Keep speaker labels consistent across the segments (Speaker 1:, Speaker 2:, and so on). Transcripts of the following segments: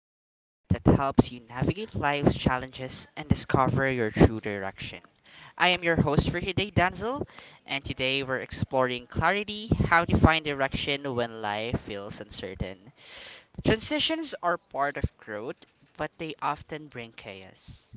Speaker 1: the podcast that helps you navigate life's challenges and discover your true direction. I am your host for today, Danzel, and today we're exploring clarity, how to find direction when life feels uncertain. Transitions are part of growth, but they often bring chaos.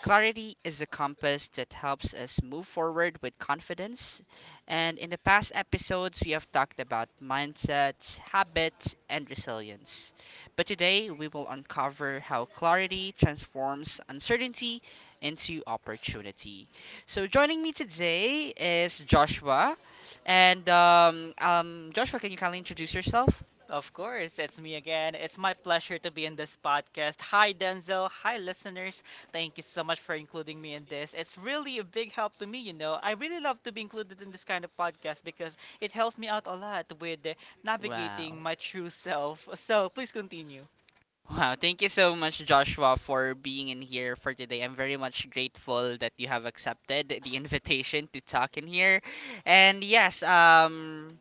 Speaker 1: Clarity is a compass that helps us move forward with confidence. And in the past episodes, we have talked about mindsets, habits, and resilience. But today, we will uncover how clarity transforms uncertainty into opportunity. So, joining me today is Joshua. And Joshua, can you kindly introduce yourself?
Speaker 2: Of course, it's me again. It's my pleasure to be in this podcast. Hi, Denzel. Hi, listeners. Thank you so much for including me in this. It's really a big help to me. I really love to be included in this kind of podcast because it helps me out a lot with
Speaker 1: Wow.
Speaker 2: navigating my true self. So please continue.
Speaker 1: Wow, thank you so much, Joshua, for being in here for today. I'm very much grateful that you have accepted the invitation to talk in here. And yes,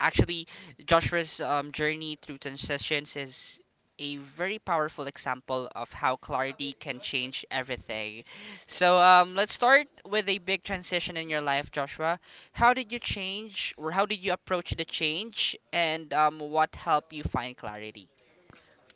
Speaker 1: actually, Joshua's journey through transitions is a very powerful example of how clarity can change everything. So let's start with a big transition in your life, Joshua. How did you change, or how did you approach the change, and what helped you find clarity?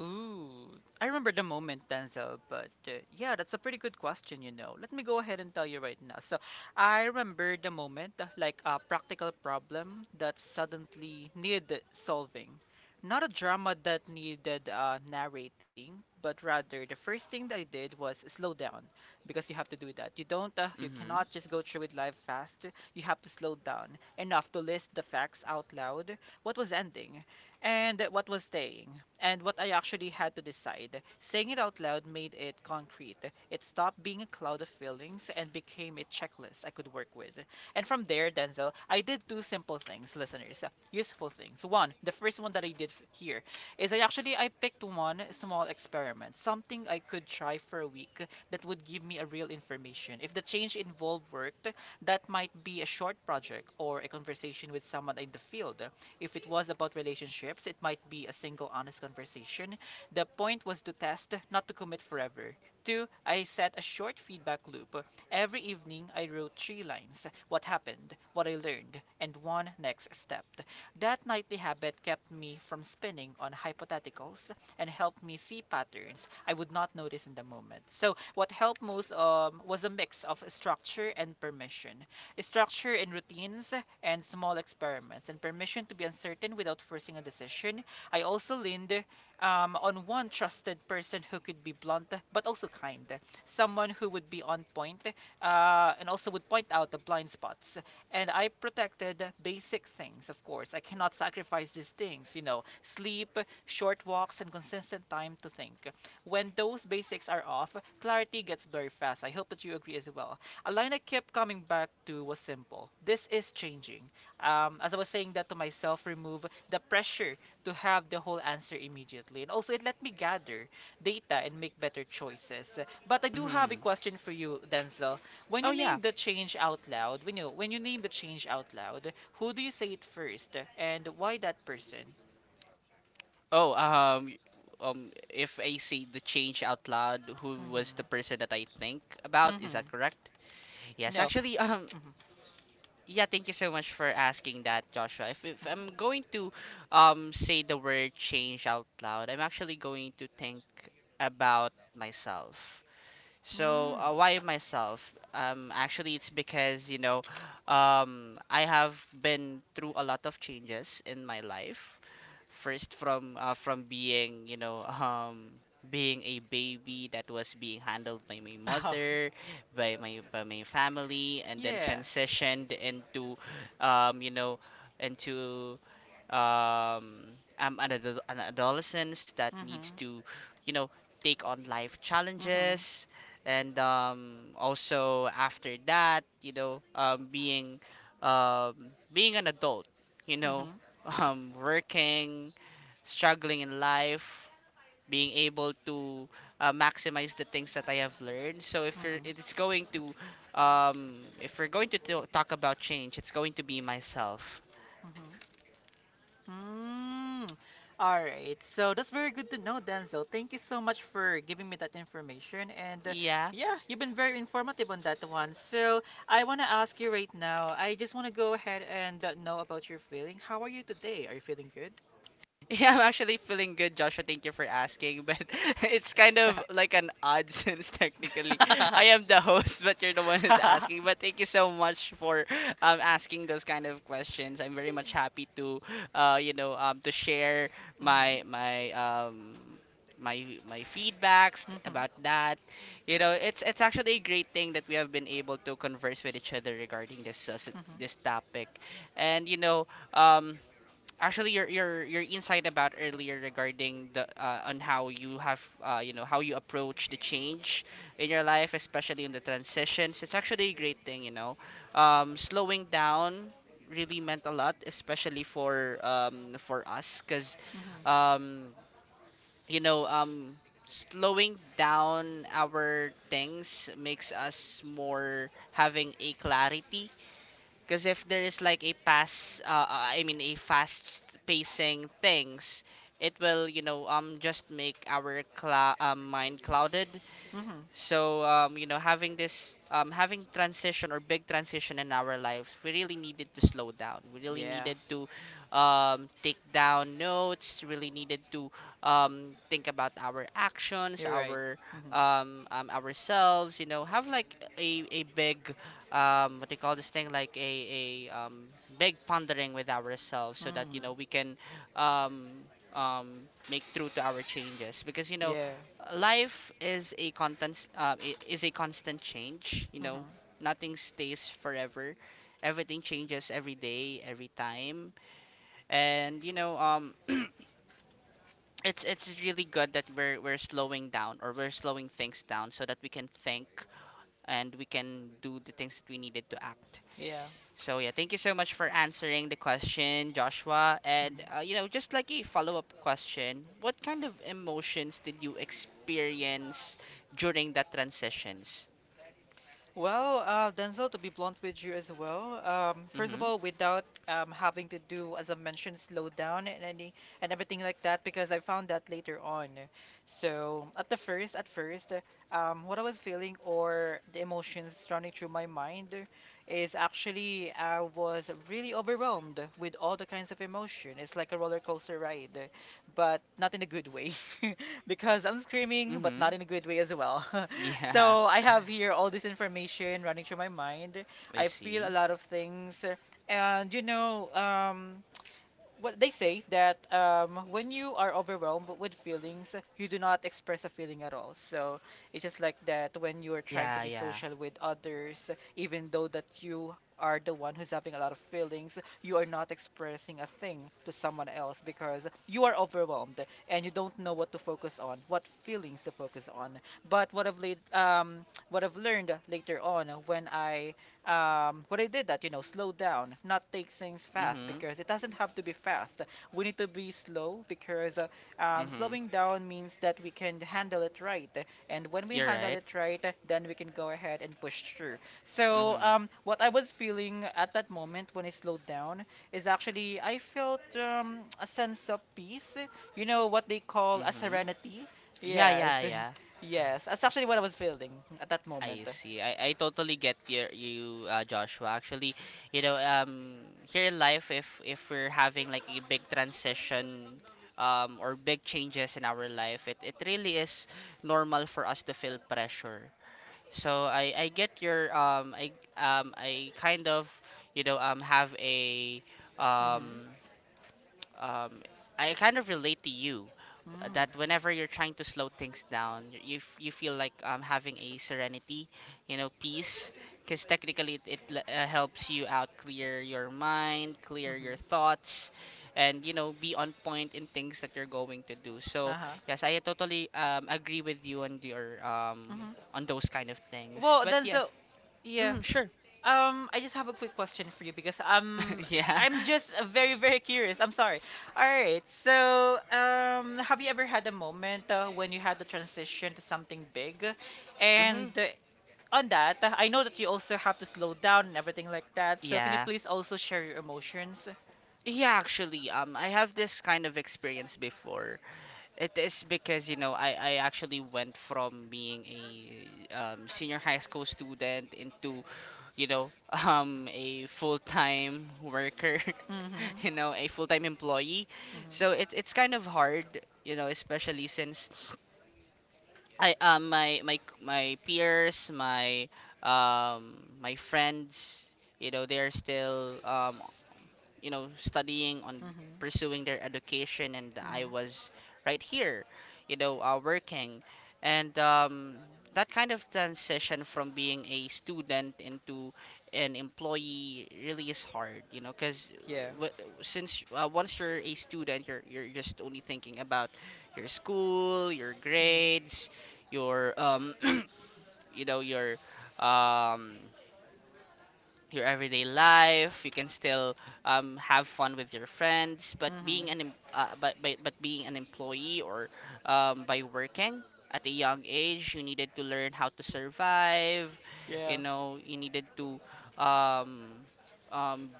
Speaker 2: Ooh, I remember the moment, Denzel, but yeah, that's a pretty good question. Let me go ahead and tell you right now. So, I remember the moment, like a practical problem that suddenly needed solving. Not a drama that needed narrating, but rather the first thing that I did was slow down because you have to do that. You
Speaker 1: Mm-hmm.
Speaker 2: cannot just go through with life fast. You have to slow down enough to list the facts out loud. What was ending? And what was staying and what I actually had to decide. Saying it out loud made it concrete. It stopped being a cloud of feelings and became a checklist I could work with. And from there, Denzel, I did two simple things, listeners, useful things. One, the first one that I did f- here is I actually I picked one small experiment, something I could try for a week that would give me a real information. If the change involved worked, that might be a short project or a conversation with someone in the field. If it was about relationships, it might be a single honest conversation. The point was to test, not to commit forever. Two, I set a short feedback loop. Every evening, I wrote three lines: what happened, what I learned, and one next step. That nightly habit kept me from spinning on hypotheticals and helped me see patterns I would not notice in the moment. So, what helped most was a mix of structure and permission, structure and routines, and small experiments, and permission to be uncertain without forcing a decision. I also leaned on one trusted person who could be blunt but also kind, someone who would be on point and also would point out the blind spots. And I protected basic things, of course. I cannot sacrifice these things, sleep, short walks, and consistent time to think. When those basics are off, clarity gets very fast. I hope that you agree as well. A line I kept coming back to was simple. This is changing. As I was saying that to myself, remove the pressure to have the whole answer immediately. And also, it let me gather data and make better choices. But I do have a
Speaker 1: Mm-hmm.
Speaker 2: question for you, Denzel. When
Speaker 1: Oh
Speaker 2: you
Speaker 1: yeah.
Speaker 2: name the change out loud, when you name the change out loud, who do you say it first, and why that person?
Speaker 1: Oh if I say the change out loud, who was the
Speaker 2: Mm-hmm.
Speaker 1: person that I think about? Is
Speaker 2: Mm-hmm.
Speaker 1: that correct? Yes,
Speaker 2: No.
Speaker 1: actually,
Speaker 2: Mm-hmm.
Speaker 1: yeah, thank you so much for asking that, Joshua. If I'm
Speaker 2: Mm-hmm.
Speaker 1: going to say the word change out loud, I'm actually going to think about myself. So
Speaker 2: Mm.
Speaker 1: why myself? Actually, it's because I have been through a lot of changes in my life. First from being, being a baby that was being handled by my
Speaker 2: Oh,
Speaker 1: mother, by my family, and then
Speaker 2: yeah.
Speaker 1: transitioned into um you know into, I'm an, an adolescence that needs
Speaker 2: Mm-hmm.
Speaker 1: to, you know take on life
Speaker 2: Mm-hmm.
Speaker 1: challenges, and also after that, being, being an adult, you know
Speaker 2: Mm-hmm.
Speaker 1: working, struggling in life, being able to, maximize the things that I have learned. So if you're, it-
Speaker 2: Mm-hmm.
Speaker 1: it's going to, if we're going to talk about change, it's going to be myself.
Speaker 2: Mhm. Mm. All right. So that's very good to know, Denzel. Thank you so much for giving me that information. And
Speaker 1: Yeah.
Speaker 2: yeah, you've been very informative on that one. So I want to ask you right now. I just want to go ahead and know about your feeling. How are you today? Are you feeling good?
Speaker 1: Yeah, I'm actually feeling good, Joshua. Thank you for asking. But it's kind of like an odd, since technically I am the host, but you're the one who's asking. But thank you so much for asking those kind of questions. I'm very much happy to, to share my
Speaker 2: Mhm.
Speaker 1: my um my feedbacks
Speaker 2: Mhm.
Speaker 1: about that. You know, it's actually a great thing that we have been able to converse with each other regarding this uh, s-
Speaker 2: Mhm.
Speaker 1: this topic, and, you know, um actually, your insight about earlier regarding the on how you have, you know, how you approach the change in your life, especially in the transitions, it's actually a great thing. You know, slowing down really meant a lot, especially for us, because,
Speaker 2: Mhm.
Speaker 1: um, you know um, slowing down our things makes us more having a clarity, because if there is like a I mean, a fast pacing things, it will, just make our mind clouded.
Speaker 2: Mhm.
Speaker 1: So, you know, having this having transition or big transition in our lives, we really needed to slow down. We really
Speaker 2: Yeah,
Speaker 1: needed to, take down notes. Really needed to, think about our actions,
Speaker 2: you're right. Mhm.
Speaker 1: ourselves. You know, have like a big, what they call this thing, like a big pondering with ourselves, so that, you
Speaker 2: Mhm.
Speaker 1: know, we can, um, make through to our changes, because, you know,
Speaker 2: Yeah.
Speaker 1: life is a constant change. You know,
Speaker 2: Mhm.
Speaker 1: nothing stays forever. Everything changes every day, every time. And, you know, it's really good that we're slowing down, or we're slowing things down, so that we can think, and we can do the things that we needed to act.
Speaker 2: Yeah.
Speaker 1: So yeah, thank you so much for answering the question, Joshua. And,
Speaker 2: Mm-hmm.
Speaker 1: you know, just like a follow-up question, what kind of emotions did you experience during that transitions?
Speaker 2: Well, Denzel, to be blunt with you as well, first of
Speaker 1: Mhm.
Speaker 2: all, without having to do, as I mentioned, slow down and any and everything like that, because I found that later on. So at the first, what I was feeling or the emotions running through my mind is actually I was really overwhelmed with all the kinds of emotion. It's like a roller coaster ride, but not in a good way, because I'm screaming, but
Speaker 1: Mhm.
Speaker 2: not in a good way as well.
Speaker 1: Yeah.
Speaker 2: So I have here all this information running through my mind.
Speaker 1: I
Speaker 2: I feel a
Speaker 1: see.
Speaker 2: lot of things, and what they say that when you are overwhelmed with feelings, you do not express a feeling at all. So it's just like that. When you are trying to
Speaker 1: Yeah,
Speaker 2: be
Speaker 1: yeah.
Speaker 2: social with others, even though that you are the one who's having a lot of feelings, you are not expressing a thing to someone else because you are overwhelmed and you don't know what to focus on, what feelings to focus on. But what I've learned later on when I what I did that, slow down, not take things fast
Speaker 1: Mhm.
Speaker 2: because it doesn't have to be fast. We need to be slow because
Speaker 1: Mhm.
Speaker 2: slowing down means that we can handle it right. And when we
Speaker 1: You're
Speaker 2: handle
Speaker 1: right.
Speaker 2: it right, then we can go ahead and push through. So,
Speaker 1: Mhm.
Speaker 2: what I was feeling at that moment when I slowed down is actually I felt a sense of peace, what they call a
Speaker 1: Mhm.
Speaker 2: serenity.
Speaker 1: Yeah,
Speaker 2: Yes,
Speaker 1: yeah, yeah.
Speaker 2: yes, that's actually what I was feeling at that moment.
Speaker 1: I see. I totally get your you Joshua. Actually, you know, here in life, if we're having like a big transition, or big changes in our life, it really is normal for us to feel pressure. So I get your, I, I kind of, you know, have a,
Speaker 2: Hmm.
Speaker 1: um um, I kind of relate to you,
Speaker 2: Mm.
Speaker 1: that whenever you're trying to slow things down, you feel like, having a serenity, you know, peace, because technically it helps you out, clear your mind, clear your
Speaker 2: Mm-hmm.
Speaker 1: thoughts, and, you know, be on point in things that you're going to do. So
Speaker 2: Uh-huh.
Speaker 1: yes, I totally, agree with you on your,
Speaker 2: Hmm.
Speaker 1: on those kind of things.
Speaker 2: Well,
Speaker 1: But
Speaker 2: then so
Speaker 1: yes,
Speaker 2: yeah.
Speaker 1: mm, sure,
Speaker 2: I just have a quick question for you because
Speaker 1: yeah.
Speaker 2: I'm just very very curious. I'm sorry. All right. So, have you ever had a moment when you had to transition to something big? And
Speaker 1: Mm-hmm.
Speaker 2: on that, I know that you also have to slow down and everything like that. So, can you
Speaker 1: Yeah.
Speaker 2: please also share your emotions?
Speaker 1: Yeah, actually, I have this kind of experience before. It is because, you know, I actually went from being a, senior high school student into, you know, a full-time worker,
Speaker 2: Mhm.
Speaker 1: you know, a full-time employee. So
Speaker 2: Mhm.
Speaker 1: it's kind of hard, you know, especially since I, my peers, my friends, you know, they're still, you know, studying, on
Speaker 2: Mhm.
Speaker 1: pursuing their education, and I
Speaker 2: Mhm.
Speaker 1: was right here, you know, working. And, that kind of transition from being a student into an employee really is hard, you know, because
Speaker 2: Yeah.
Speaker 1: w- since, once you're a student, you're just only thinking about your school, your
Speaker 2: Mhm.
Speaker 1: grades, your, you know, um your everyday life. You can still, have fun with your friends, but
Speaker 2: Mhm.
Speaker 1: being an em- but being an employee, or, by working at a young age, you needed to learn how to survive. You
Speaker 2: Yeah.
Speaker 1: know, you needed to. Um, um,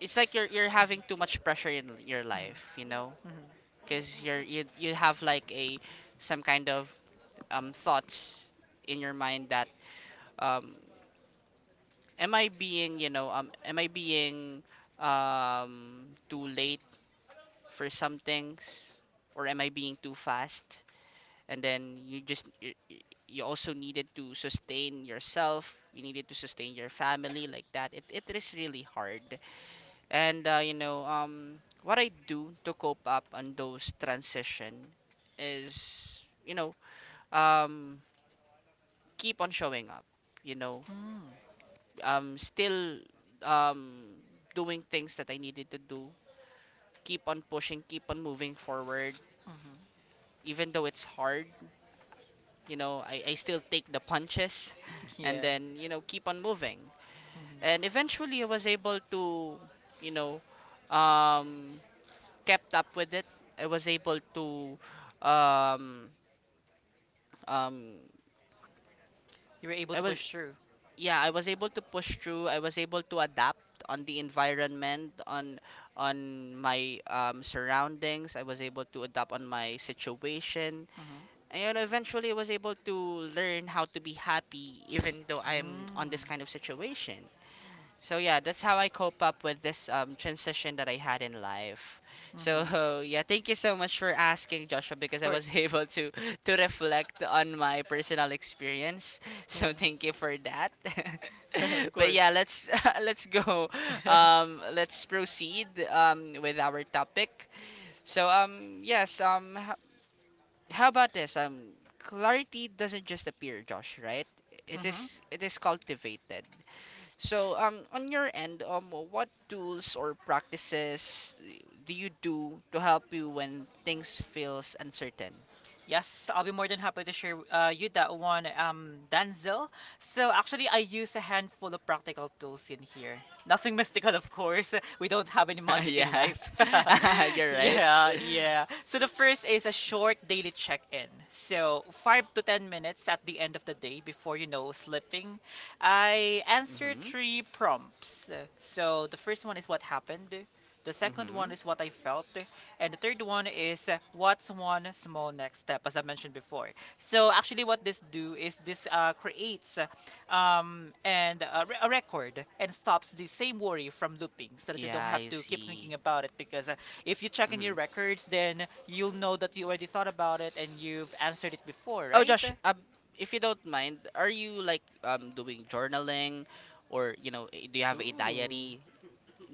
Speaker 1: it's like you're having too much pressure in your
Speaker 2: Mhm.
Speaker 1: life. You know,
Speaker 2: Mhm.
Speaker 1: because you have like a, some kind of, thoughts in your mind, that, um am I being, you know, am I being, too late for some things, or am I being too fast? And then you just you also needed to sustain yourself. You needed to sustain your family like that. It is really hard. And, you know, what I do to cope up on those transition is, you know, um, keep on showing up. You know,
Speaker 2: Mm.
Speaker 1: still, um, doing things that I needed to do. Keep on pushing, keep on moving forward.
Speaker 2: Mhm.
Speaker 1: Even though it's hard, you know, I still take the punches and
Speaker 2: Yeah.
Speaker 1: then, you know, keep on moving. And
Speaker 2: Hmm.
Speaker 1: eventually I was able to, you know, um, kept up with it. I was able to, um, um,
Speaker 2: You were able
Speaker 1: I
Speaker 2: to
Speaker 1: was
Speaker 2: push through.
Speaker 1: yeah I was able to push through. I was able to adapt on the environment, on my, surroundings. I was able to adapt on my situation,
Speaker 2: Mm-hmm.
Speaker 1: and eventually I was able to learn how to be happy, even though I'm on
Speaker 2: Mm.
Speaker 1: this kind of situation. So yeah, that's how I cope up with this, transition that I had in life.
Speaker 2: Hmm.
Speaker 1: So yeah, thank you so much for asking, Joshua, because
Speaker 2: Of
Speaker 1: I was
Speaker 2: course.
Speaker 1: able to reflect on my personal experience. So thank you for that.
Speaker 2: Of
Speaker 1: But
Speaker 2: course.
Speaker 1: yeah, let's let's go. Let's proceed, with our topic. So, yes. How about this? Clarity doesn't just appear, Josh. Right? It
Speaker 2: Hmm.
Speaker 1: is it is cultivated. So, on your end, what tools or practices do you do to help you when things feels uncertain?
Speaker 2: Yes, I'll be more than happy to share you that one, Danzel. So actually, I use a handful of practical tools in here. Nothing mystical, of course. We don't have any magic in
Speaker 1: Yeah,
Speaker 2: life.
Speaker 1: you're right.
Speaker 2: Yeah, yeah. So the first is a short daily check-in. So 5 to 10 minutes at the end of the day before you know sleeping, I answer
Speaker 1: Mhm,
Speaker 2: three prompts. So the first one is what happened. The second one
Speaker 1: mhm.
Speaker 2: is what I felt. And the third one is what's one small next step, as I mentioned before. So actually, what this do is this creates and a, re- a record and stops the same worry from looping, so that you
Speaker 1: Yeah,
Speaker 2: don't have
Speaker 1: I
Speaker 2: to keep
Speaker 1: see.
Speaker 2: thinking about it. Because if you check in your
Speaker 1: Mhm.
Speaker 2: records, then you'll know that you already thought about it and you've answered it before,
Speaker 1: Oh,
Speaker 2: right?
Speaker 1: Josh, if you don't mind, are you like, doing journaling, or, you know, do you have a
Speaker 2: Ooh,
Speaker 1: diary?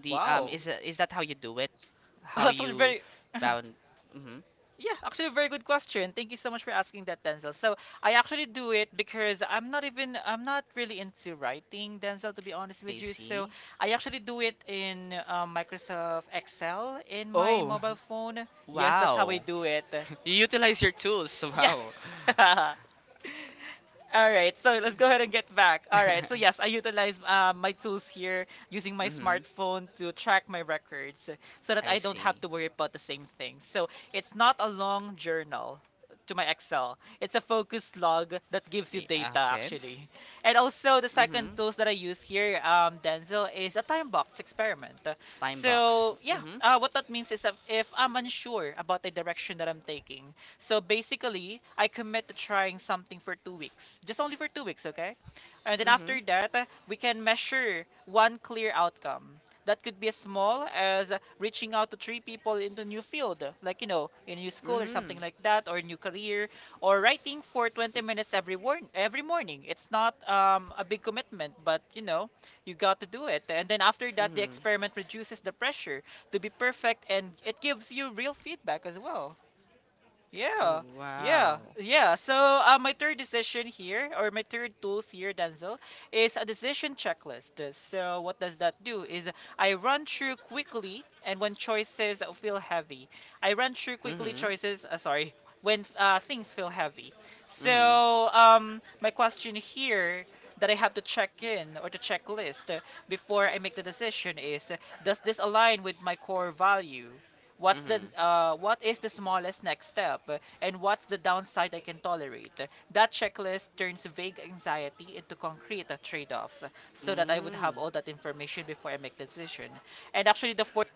Speaker 2: wow.
Speaker 1: Is that how you do it? How
Speaker 2: That's
Speaker 1: you
Speaker 2: very.
Speaker 1: bound? Mhm.
Speaker 2: Yeah, actually, a very good question. Thank you so much for asking that, Denzel. So I actually do it because I'm not really into writing, Denzel, to be honest
Speaker 1: I
Speaker 2: with you. So
Speaker 1: see.
Speaker 2: I actually do it in Microsoft Excel in my
Speaker 1: Oh,
Speaker 2: mobile phone. Yes, that's how I
Speaker 1: wow.
Speaker 2: do it.
Speaker 1: You utilize your tools
Speaker 2: Yes.
Speaker 1: somehow.
Speaker 2: All right, so let's go ahead and get back. All right, so yes,
Speaker 1: Mm-hmm.
Speaker 2: I utilize my tools here using my smartphone to track my records so that
Speaker 1: I
Speaker 2: I don't have
Speaker 1: see.
Speaker 2: to worry about the same thing. So it's not a long journal to my Excel. It's a focus log that gives you data
Speaker 1: Okay.
Speaker 2: actually. And also the second
Speaker 1: Mm-hmm.
Speaker 2: tools that I use here, Denzel, is a time box experiment.
Speaker 1: Time box.
Speaker 2: So yeah,
Speaker 1: Mm-hmm.
Speaker 2: what that means is that if I'm unsure about the direction that I'm taking, so basically, I commit to trying something for 2 weeks, just only for 2 weeks, okay? And then
Speaker 1: Mm-hmm.
Speaker 2: after that, we can measure one clear outcome. That could be as small as reaching out to three people into new field, like you know, in a new school or
Speaker 1: Mm-hmm.
Speaker 2: something like that, or a new career, or writing for 20 minutes every morning. It's not a big commitment, but you know, you got to do it. And then after that, the
Speaker 1: Mm-hmm.
Speaker 2: experiment reduces the pressure to be perfect, and it gives you real feedback as well.
Speaker 1: Oh,
Speaker 2: Yeah, yeah,
Speaker 1: wow.
Speaker 2: yeah. So my third decision here, or my third tool here, Denzel, is a decision checklist. So what does that do? Is I run through quickly, and when choices feel heavy, I run through quickly
Speaker 1: Mm-hmm.
Speaker 2: choices. Sorry, when things feel heavy.
Speaker 1: Mm-hmm.
Speaker 2: So, my question here that I have to check in or to checklist before I make the decision is, does this align with my core value? What's the
Speaker 1: Mm-hmm.
Speaker 2: uh, what is the smallest next step, and what's the downside I can tolerate? That checklist turns vague anxiety into concrete trade-offs, so that I would have
Speaker 1: Mm-hmm.
Speaker 2: all that information before I make the decision. And actually, the fourth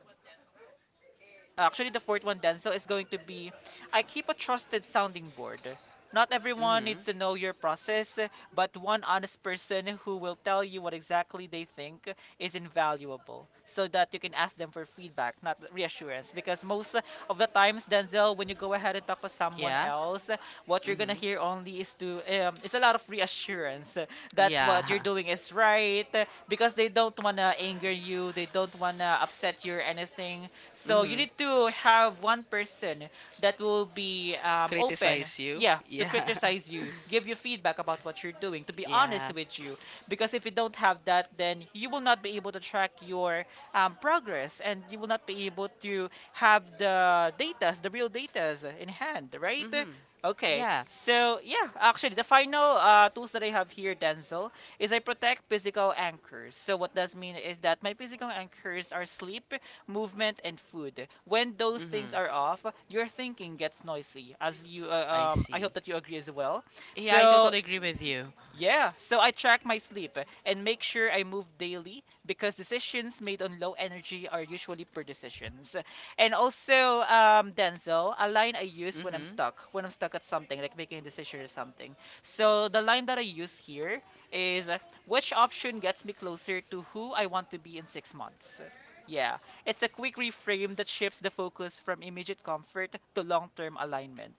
Speaker 2: actually the fourth one, Denzel, is going to be, I keep a trusted sounding board. Not everyone
Speaker 1: Mm-hmm.
Speaker 2: needs to know your process, but one honest person who will tell you what exactly they think is invaluable so that you can ask them for feedback, not reassurance. Because most of the times, Denzel, when you go ahead and talk to someone
Speaker 1: Yeah.
Speaker 2: else, what you're gonna
Speaker 1: Mm-hmm.
Speaker 2: hear only is to it's a lot of reassurance that what you're
Speaker 1: Yeah.
Speaker 2: doing is right because they don't wanna anger you, they don't wanna upset you or anything. So you
Speaker 1: Mm-hmm.
Speaker 2: need to have one person that will be open,
Speaker 1: Criticize you.
Speaker 2: yeah, to
Speaker 1: Yeah.
Speaker 2: criticize you, give you feedback about what you're doing, to be honest
Speaker 1: Yeah.
Speaker 2: with you, because if you don't have that, then you will not be able to track your progress, and you will not be able to have the data, the real data in hand, right?
Speaker 1: Mm-hmm.
Speaker 2: Okay,
Speaker 1: Yeah.
Speaker 2: so yeah, actually the final tools that I have here, Denzel, is I protect physical anchors. So what does mean is that my physical anchors are sleep, movement, and food. When those things
Speaker 1: Mm-hmm.
Speaker 2: are off, your thinking gets noisy.
Speaker 1: I
Speaker 2: I hope
Speaker 1: see.
Speaker 2: that you agree as well.
Speaker 1: Yeah, I
Speaker 2: So
Speaker 1: totally agree with you.
Speaker 2: yeah, so I track my sleep and make sure I move daily because decisions made on low energy are usually poor decisions. And also, Denzel, a line I use
Speaker 1: Mm-hmm.
Speaker 2: when I'm stuck at something, like making a decision or something. So the line that I use here is which option gets me closer to who I want to be in 6 months? Yeah, it's a quick reframe that shifts the focus from immediate comfort to long term alignment.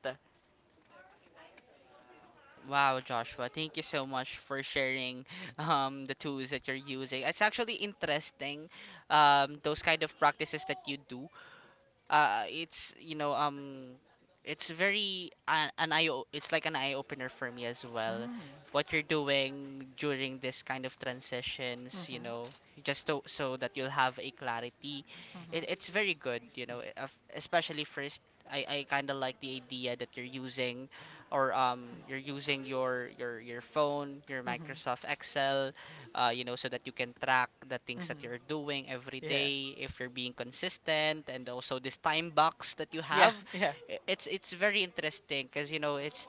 Speaker 1: Wow, Joshua, thank you so much for sharing, the tools that you're using. It's actually interesting. Those kind of practices that you do, it's you know it's very an it's like an eye opener for me as well,
Speaker 2: Mm.
Speaker 1: what you're doing during this kind of transitions, you know,
Speaker 2: hmm
Speaker 1: so that you'll have a clarity. it,
Speaker 2: hmm
Speaker 1: it's very good, you know, especially first. I kind of like the idea that you're using, or you're using your your phone, your
Speaker 2: hmm
Speaker 1: Microsoft Excel, you know, so that you can track the things that you're
Speaker 2: hmm
Speaker 1: doing every
Speaker 2: Yeah.
Speaker 1: day, if you're being consistent, and also this time box that you
Speaker 2: Yeah,
Speaker 1: have.
Speaker 2: yeah,
Speaker 1: It's very interesting because you know it's,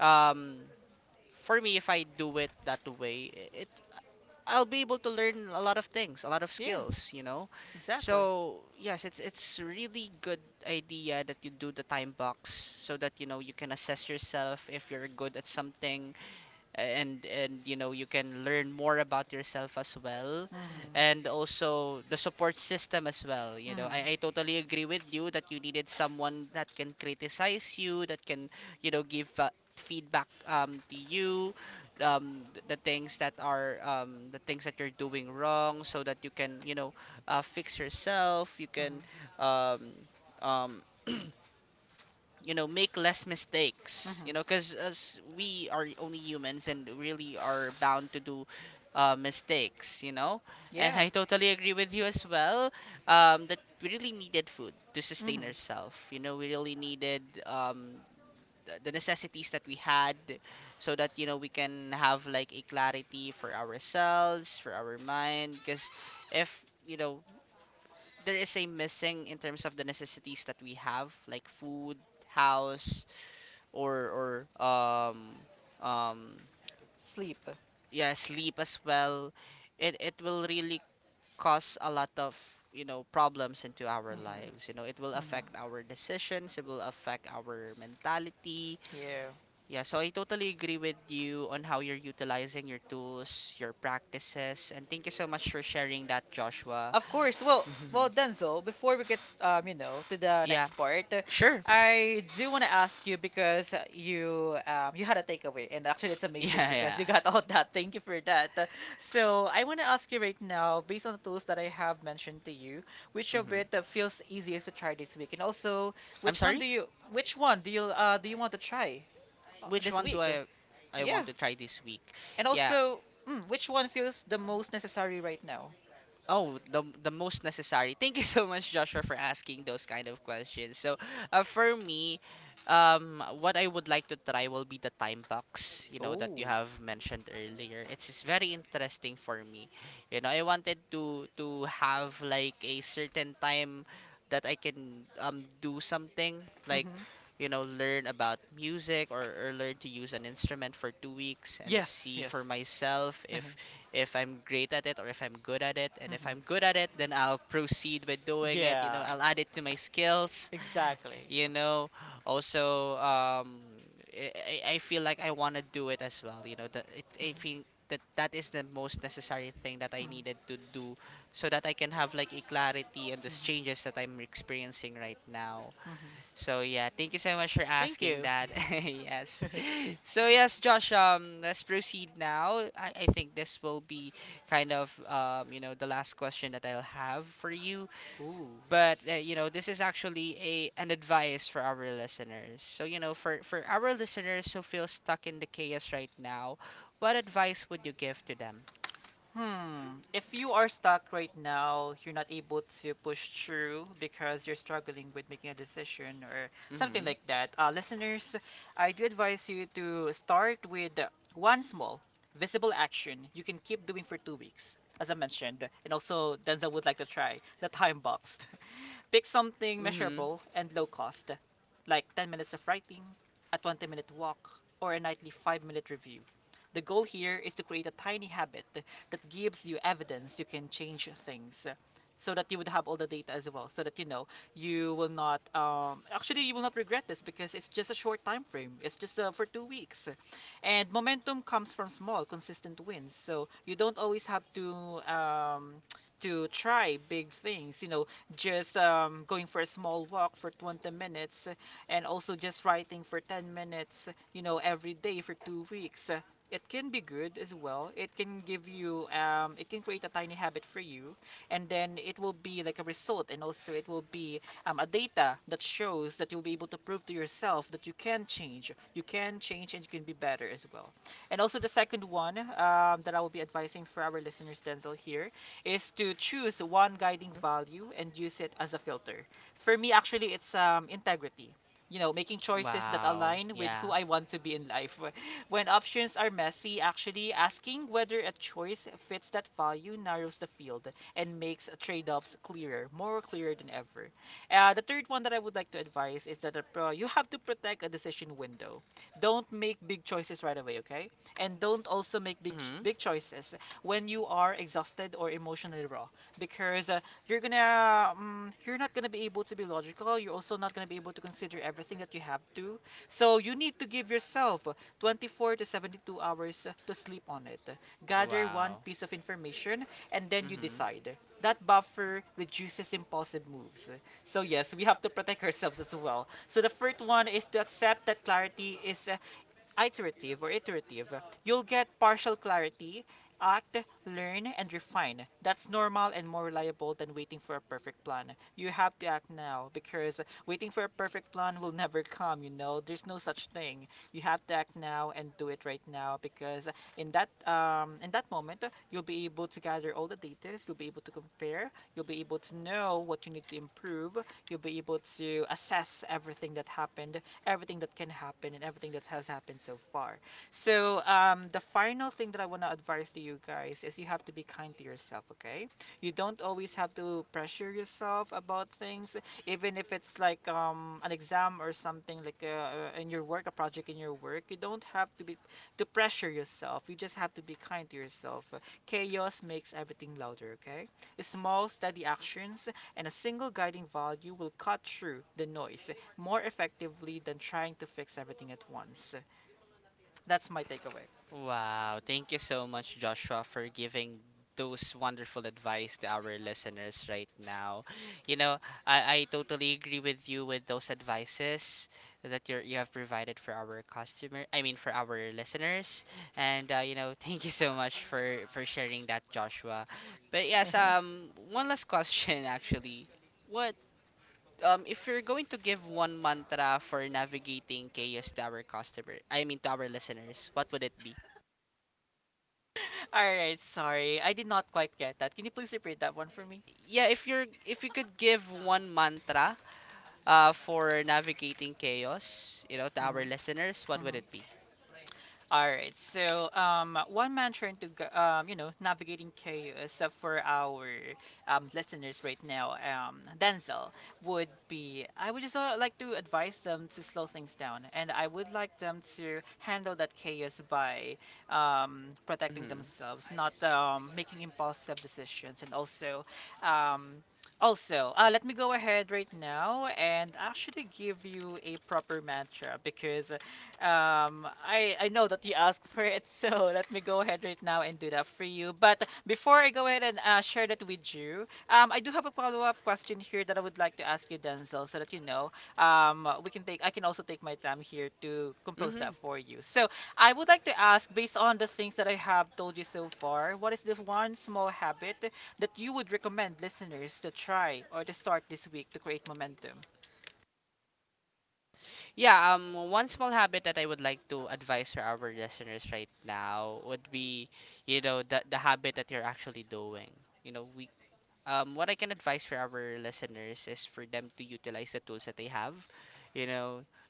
Speaker 1: um for me if I do it that way, I- it I'll be able to learn a lot of things, a lot of
Speaker 2: yeah,
Speaker 1: skills.
Speaker 2: exactly.
Speaker 1: So yes, it's really good idea that you do the time box, so that you know you can assess yourself if you're good at something, and you know you can learn more about yourself as well. And
Speaker 2: Mm-hmm,
Speaker 1: also the support system as well, you know,
Speaker 2: mm-hmm,
Speaker 1: I totally agree with you that you needed someone that can criticize you, that can you know give feedback to you, the things that are the things that you're doing wrong, so that you can you know fix yourself, you
Speaker 2: mm-hmm,
Speaker 1: can um, um, you know make less mistakes, you know,
Speaker 2: mm-hmm.
Speaker 1: because as we are only humans and really are bound to do mistakes, you know. And
Speaker 2: Yeah,
Speaker 1: I totally agree with you as well, that we really needed food to sustain
Speaker 2: mm-hmm.
Speaker 1: ourselves, you know we really needed the necessities that we had, so that you know we can have like a clarity for ourselves, for our mind. Because if, you know, there is a missing in terms of the necessities that we have, like food, house, or um
Speaker 2: Sleep.
Speaker 1: yeah, sleep as well, it will really cause a lot of, you know, problems into our lives. You
Speaker 2: Mm-hmm,
Speaker 1: know, it will
Speaker 2: mm-hmm.
Speaker 1: affect our decisions, it will affect our mentality.
Speaker 2: Yeah.
Speaker 1: Yeah, so I totally agree with you on how you're utilizing your tools, your practices, and thank you so much for sharing that, Joshua.
Speaker 2: Of course. Well,
Speaker 1: Mhm.
Speaker 2: well, Denzel, before we get, you know, to the
Speaker 1: Yeah,
Speaker 2: next part,
Speaker 1: sure.
Speaker 2: I do want to ask you because you, you had a takeaway, and actually, it's amazing
Speaker 1: Yeah,
Speaker 2: because
Speaker 1: yeah.
Speaker 2: you got all that. Thank you for that. So I want to ask you right now, based on the tools that I have mentioned to you, which of
Speaker 1: Mhm.
Speaker 2: it feels easiest to try this week, and also
Speaker 1: I'm
Speaker 2: which one
Speaker 1: sorry?
Speaker 2: do you, which one do you want to try
Speaker 1: Which
Speaker 2: this
Speaker 1: one do
Speaker 2: week?
Speaker 1: I want
Speaker 2: Yeah,
Speaker 1: to try this week?
Speaker 2: and
Speaker 1: Yeah.
Speaker 2: also, which one feels the most necessary right now?
Speaker 1: Oh, the most necessary. Thank you so much, Joshua, for asking those kind of questions. So, for me, what I would like to try will be the time box, you know, that
Speaker 2: Oh.
Speaker 1: you have mentioned earlier. It's just very interesting for me. You know, I wanted to have like a certain time that I can do something like, you know, learn about music, or learn to use an instrument for 2 weeks, and
Speaker 2: Yes,
Speaker 1: see for
Speaker 2: yes.
Speaker 1: myself if
Speaker 2: Mhm,
Speaker 1: I'm great at it, or if I'm good at it. And if I'm
Speaker 2: mhm.
Speaker 1: good at it, then I'll proceed with doing it. You know,
Speaker 2: Yeah,
Speaker 1: I'll add it to my skills.
Speaker 2: exactly.
Speaker 1: You know, also, I feel like I want to do it as well. You know, I
Speaker 2: Mhm,
Speaker 1: think that is the most necessary thing that I
Speaker 2: mhm,
Speaker 1: needed to do, so that I can have like a clarity on the
Speaker 2: mhm,
Speaker 1: changes that I'm experiencing right now.
Speaker 2: mhm.
Speaker 1: So yeah, thank you so much for
Speaker 2: Thank
Speaker 1: asking
Speaker 2: you.
Speaker 1: that. Yes. So yes, Josh, let's proceed now. I think this will be kind of you know the last question that I'll have for you.
Speaker 2: Ooh.
Speaker 1: But you know, this is actually a an advice for our listeners. So you know, for our listeners who feel stuck in the chaos right now, what advice would you give to them?
Speaker 2: Hmm. If you are stuck right now, you're not able to push through because you're struggling with making a decision or something
Speaker 1: Mhm.
Speaker 2: like that. Listeners, I do advise you to start with one small, visible action you can keep doing for 2 weeks, as I mentioned, and also Denzel would like to try the time box. Pick something
Speaker 1: Mhm.
Speaker 2: measurable and low cost, like 10 minutes of writing, a 20-minute walk, or a nightly 5-minute review. The goal here is to create a tiny habit that gives you evidence you can change things, so that you would have all the data as well, so that you know you will not actually you will not regret this because it's just a short time frame. It's just for 2 weeks, and momentum comes from small consistent wins, so you don't always have um, to try big things, you know, just going for a small walk for 20 minutes, and also just writing for 10 minutes, you know, every day for 2 weeks. It can be good as well. It can give you, it can create a tiny habit for you, and then it will be like a result, and also it will be a data that shows that you'll be able to prove to yourself that you can change, and you can be better as well. And also the second one, that I will be advising for our listeners, Denzel, here is to choose one guiding value and use it as a filter. For me, actually, it's integrity. You know, making choices that
Speaker 1: Wow.
Speaker 2: align with
Speaker 1: Yeah.
Speaker 2: who I want to be in life. When options are messy, actually asking whether a choice fits that value narrows the field and makes trade-offs clearer, more clearer than ever. The third one that I would like to advise is that you have to protect a decision window. Don't make big choices right away, okay? And don't also make
Speaker 1: Mhm.
Speaker 2: big choices when you are exhausted or emotionally raw because you're gonna you're not gonna be able to be logical, you're also not gonna be able to consider everything that you have to, so you need to give yourself 24 to 72 hours to sleep on it, gather one
Speaker 1: Wow.
Speaker 2: piece of information, and then you
Speaker 1: Mhm.
Speaker 2: decide. That buffer reduces impulsive moves, so yes, we have to protect ourselves as well. So the first one is to accept that clarity is iterative, or iterative, you'll get partial clarity, act, learn, and refine. That's normal and more reliable than waiting for a perfect plan. You have to act now because waiting for a perfect plan will never come, you know. There's no such thing. You have to act now and do it right now because in that moment, you'll be able to gather all the data, you'll be able to compare, you'll be able to know what you need to improve, you'll be able to assess everything that happened, everything that can happen, and everything that has happened so far. So, the final thing that I want to advise to you guys is you have to be kind to yourself, okay? You don't always have to pressure yourself about things, even if it's like an exam or something like in your work, a project in your work. You don't have to be to pressure yourself. You just have to be kind to yourself. Chaos makes everything louder, okay? Small, steady actions and a single guiding value will cut through the noise more effectively than trying to fix everything at once. That's my takeaway.
Speaker 1: Wow, thank you so much, Joshua, for giving those wonderful advice to our listeners right now. You know, I totally agree with you with those advices that you have provided for our customer, I mean for our listeners. And you know, thank you so much for sharing that, Joshua. But yes, one last question actually. What if you're going to give one mantra for navigating chaos to our customer, I mean to our listeners, what would it be?
Speaker 2: All right, sorry. I did not quite get that. Can you please repeat that one for me?
Speaker 1: Yeah, if you're if you could give one mantra for navigating chaos, you know, to
Speaker 2: Mm-hmm,
Speaker 1: our listeners, what would
Speaker 2: mm-hmm.
Speaker 1: it be?
Speaker 2: All right. So, one mantra you know, navigating chaos for our listeners right now, Denzel, would be, I would just like to advise them to slow things down, and I would like them to handle that chaos by protecting
Speaker 1: Mhm.
Speaker 2: themselves, not making impulsive decisions, and also, um, let me go ahead right now and actually give you a proper mantra because. I know that you asked for it, so let me go ahead right now and do that for you. But before I go ahead and share that with you, I do have a follow-up question here that I would like to ask you, Denzel, so that you know, we can take I can also take my time here to compose that
Speaker 1: Mhm.
Speaker 2: for you. So I would like to ask, based on the things that I have told you so far, what is this one small habit that you would recommend listeners to try or to start this week to create momentum?
Speaker 1: Yeah, one small habit that I would like to advise for our listeners right now would be, you know, the habit that you're actually doing. You know, we what I can advise for our listeners is for them to utilize the tools that they have. You know,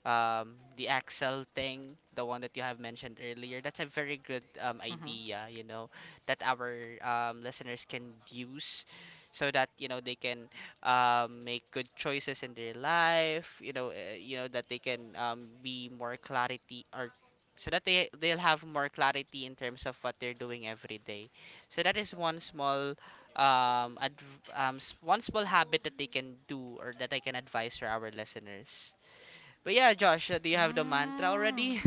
Speaker 1: the Excel thing, the one that you have mentioned earlier, that's a very good idea, you know, that our listeners can use, so that, you know, they can make good choices in their life, you know, that they can be more clarity, or so that they'll have more clarity in terms of what they're doing every day. So that is one small one small habit that they can do, or that I can advise for our listeners. But yeah, Josh, do you have the mantra
Speaker 2: Mm-hmm.
Speaker 1: already?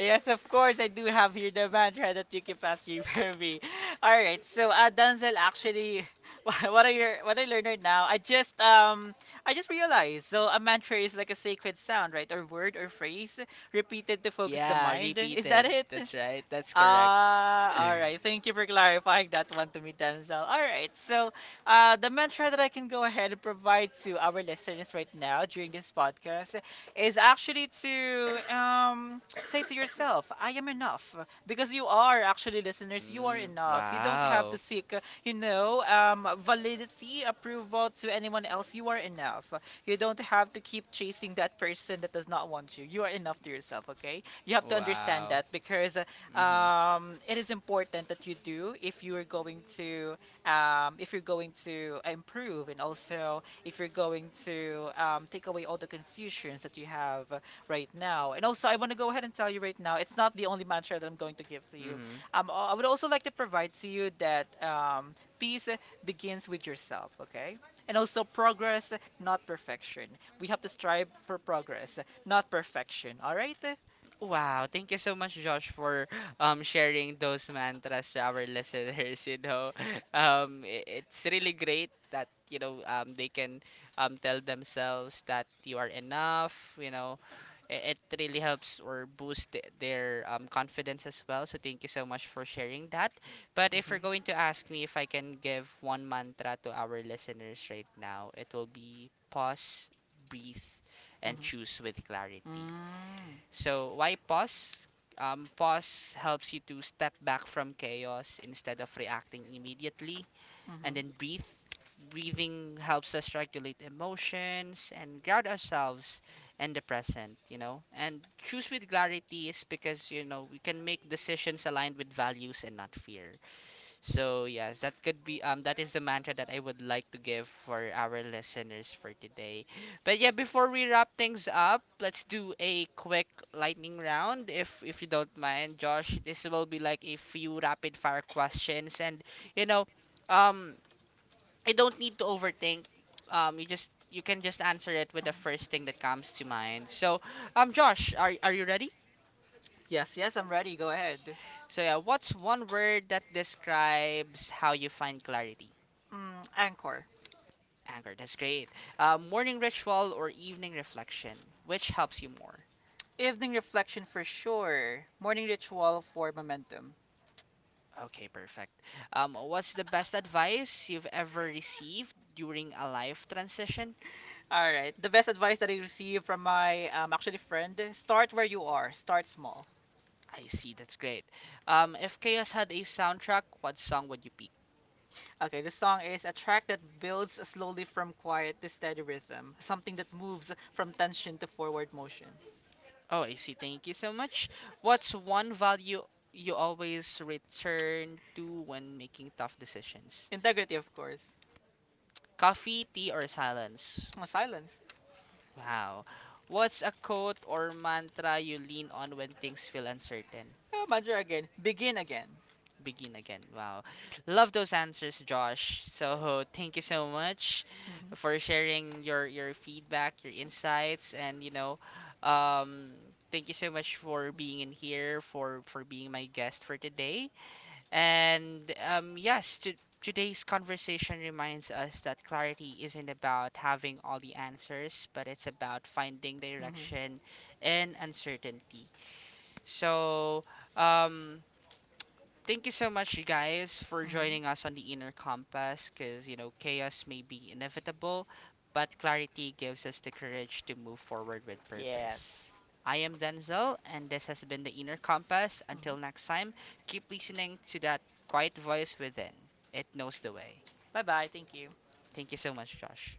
Speaker 2: Yes, of course, I do have here the mantra that you keep asking for me. All right, so Denzel, actually, what I learned right now, I just realized. So a mantra is like a sacred sound, right, or word or phrase repeated to focus the
Speaker 1: Yeah,
Speaker 2: mind. Is that
Speaker 1: repeated.
Speaker 2: it?
Speaker 1: That's right. That's correct.
Speaker 2: Ah, all right. Thank you for clarifying that one to me, Denzel. All right. So, the mantra that I can go ahead and provide to our listeners right now during this podcast is actually to say to yourself, I am enough. Because you are actually listeners, you are
Speaker 1: Mm,
Speaker 2: enough. You don't have to
Speaker 1: wow.
Speaker 2: seek, you know, validity, approval to anyone else. You are enough. You don't have to keep chasing that person that does not want you. You are enough to yourself, okay? You have to understand
Speaker 1: Wow.
Speaker 2: that because
Speaker 1: Mhm.
Speaker 2: it is important that you do if you are going to if you're going to improve, and also if you're going to take away all the confusions that you have right now. And also, I want to go ahead and tell you right now, it's not the only mantra that I'm going to give to you.
Speaker 1: Mhm.
Speaker 2: I would also like to provide to you that, peace begins with yourself, okay? And also, progress, not perfection. We have to strive for progress, not perfection, all right?
Speaker 1: Wow, thank you so much, Josh, for sharing those mantras to our listeners. You know, it's really great that you know they can tell themselves that you are enough. You know, it really helps or boost their confidence as well. So thank you so much for sharing that. But if
Speaker 2: Mhm,
Speaker 1: you're going to ask me if I can give one mantra to our listeners right now, it will be pause, breathe, and
Speaker 2: mhm.
Speaker 1: choose with clarity.
Speaker 2: Mm.
Speaker 1: So why pause? Pause helps you to step back from chaos instead of reacting immediately, and
Speaker 2: Hmm.
Speaker 1: then breathe. Breathing helps us regulate emotions and ground ourselves in the present, you know. And choose with clarity is because, you know, we can make decisions aligned with values and not fear. So yes, that could be that is the mantra that I would like to give for our listeners for today. But yeah, before we wrap things up, let's do a quick lightning round if you don't mind, Josh. This will be like a few rapid fire questions and, you know, um I don't need to overthink. You just you can just answer it with the first thing that comes to mind. So, Josh, are you ready?
Speaker 2: Yes, yes, I'm ready. Go ahead.
Speaker 1: So yeah, what's one word that describes how you find clarity?
Speaker 2: Mm, anchor.
Speaker 1: Anchor, that's great. Morning ritual or evening reflection, which helps you more?
Speaker 2: Evening reflection for sure. Morning ritual for momentum.
Speaker 1: Okay, perfect. What's the best advice you've ever received during a life transition?
Speaker 2: All right. The best advice that I received from my actually friend, start where you are, start small.
Speaker 1: I see, that's great. If Chaos had a soundtrack, what song would you pick?
Speaker 2: Okay, the song is a track that builds slowly from quiet to steady rhythm, something that moves from tension to forward motion.
Speaker 1: Oh, I see, thank you so much. What's one value you always return to when making tough decisions?
Speaker 2: Integrity, of course.
Speaker 1: Coffee, tea, or silence?
Speaker 2: Oh, silence.
Speaker 1: Wow. What's a quote or mantra you lean on when things feel uncertain?
Speaker 2: Oh, mantra again. Begin again.
Speaker 1: Begin again. Wow. Love those answers, Josh. So thank you so much
Speaker 2: Hmm.
Speaker 1: for sharing your feedback, your insights, and you know, um, thank you so much for being in here, for being my guest for today. And yes, today's conversation reminds us that clarity isn't about having all the answers, but it's about finding
Speaker 2: Hmm.
Speaker 1: direction in uncertainty. So, um, thank you so much, you guys, for
Speaker 2: Mhm.
Speaker 1: joining us on the Inner Compass because, you know, chaos may be inevitable, but clarity gives us the courage to move forward with purpose.
Speaker 2: Yes.
Speaker 1: I am Denzel, and this has been the Inner Compass. Until
Speaker 2: Mhm.
Speaker 1: next time, keep listening to that quiet voice within, it knows the way.
Speaker 2: Bye bye. Thank you.
Speaker 1: Thank you so much, Josh.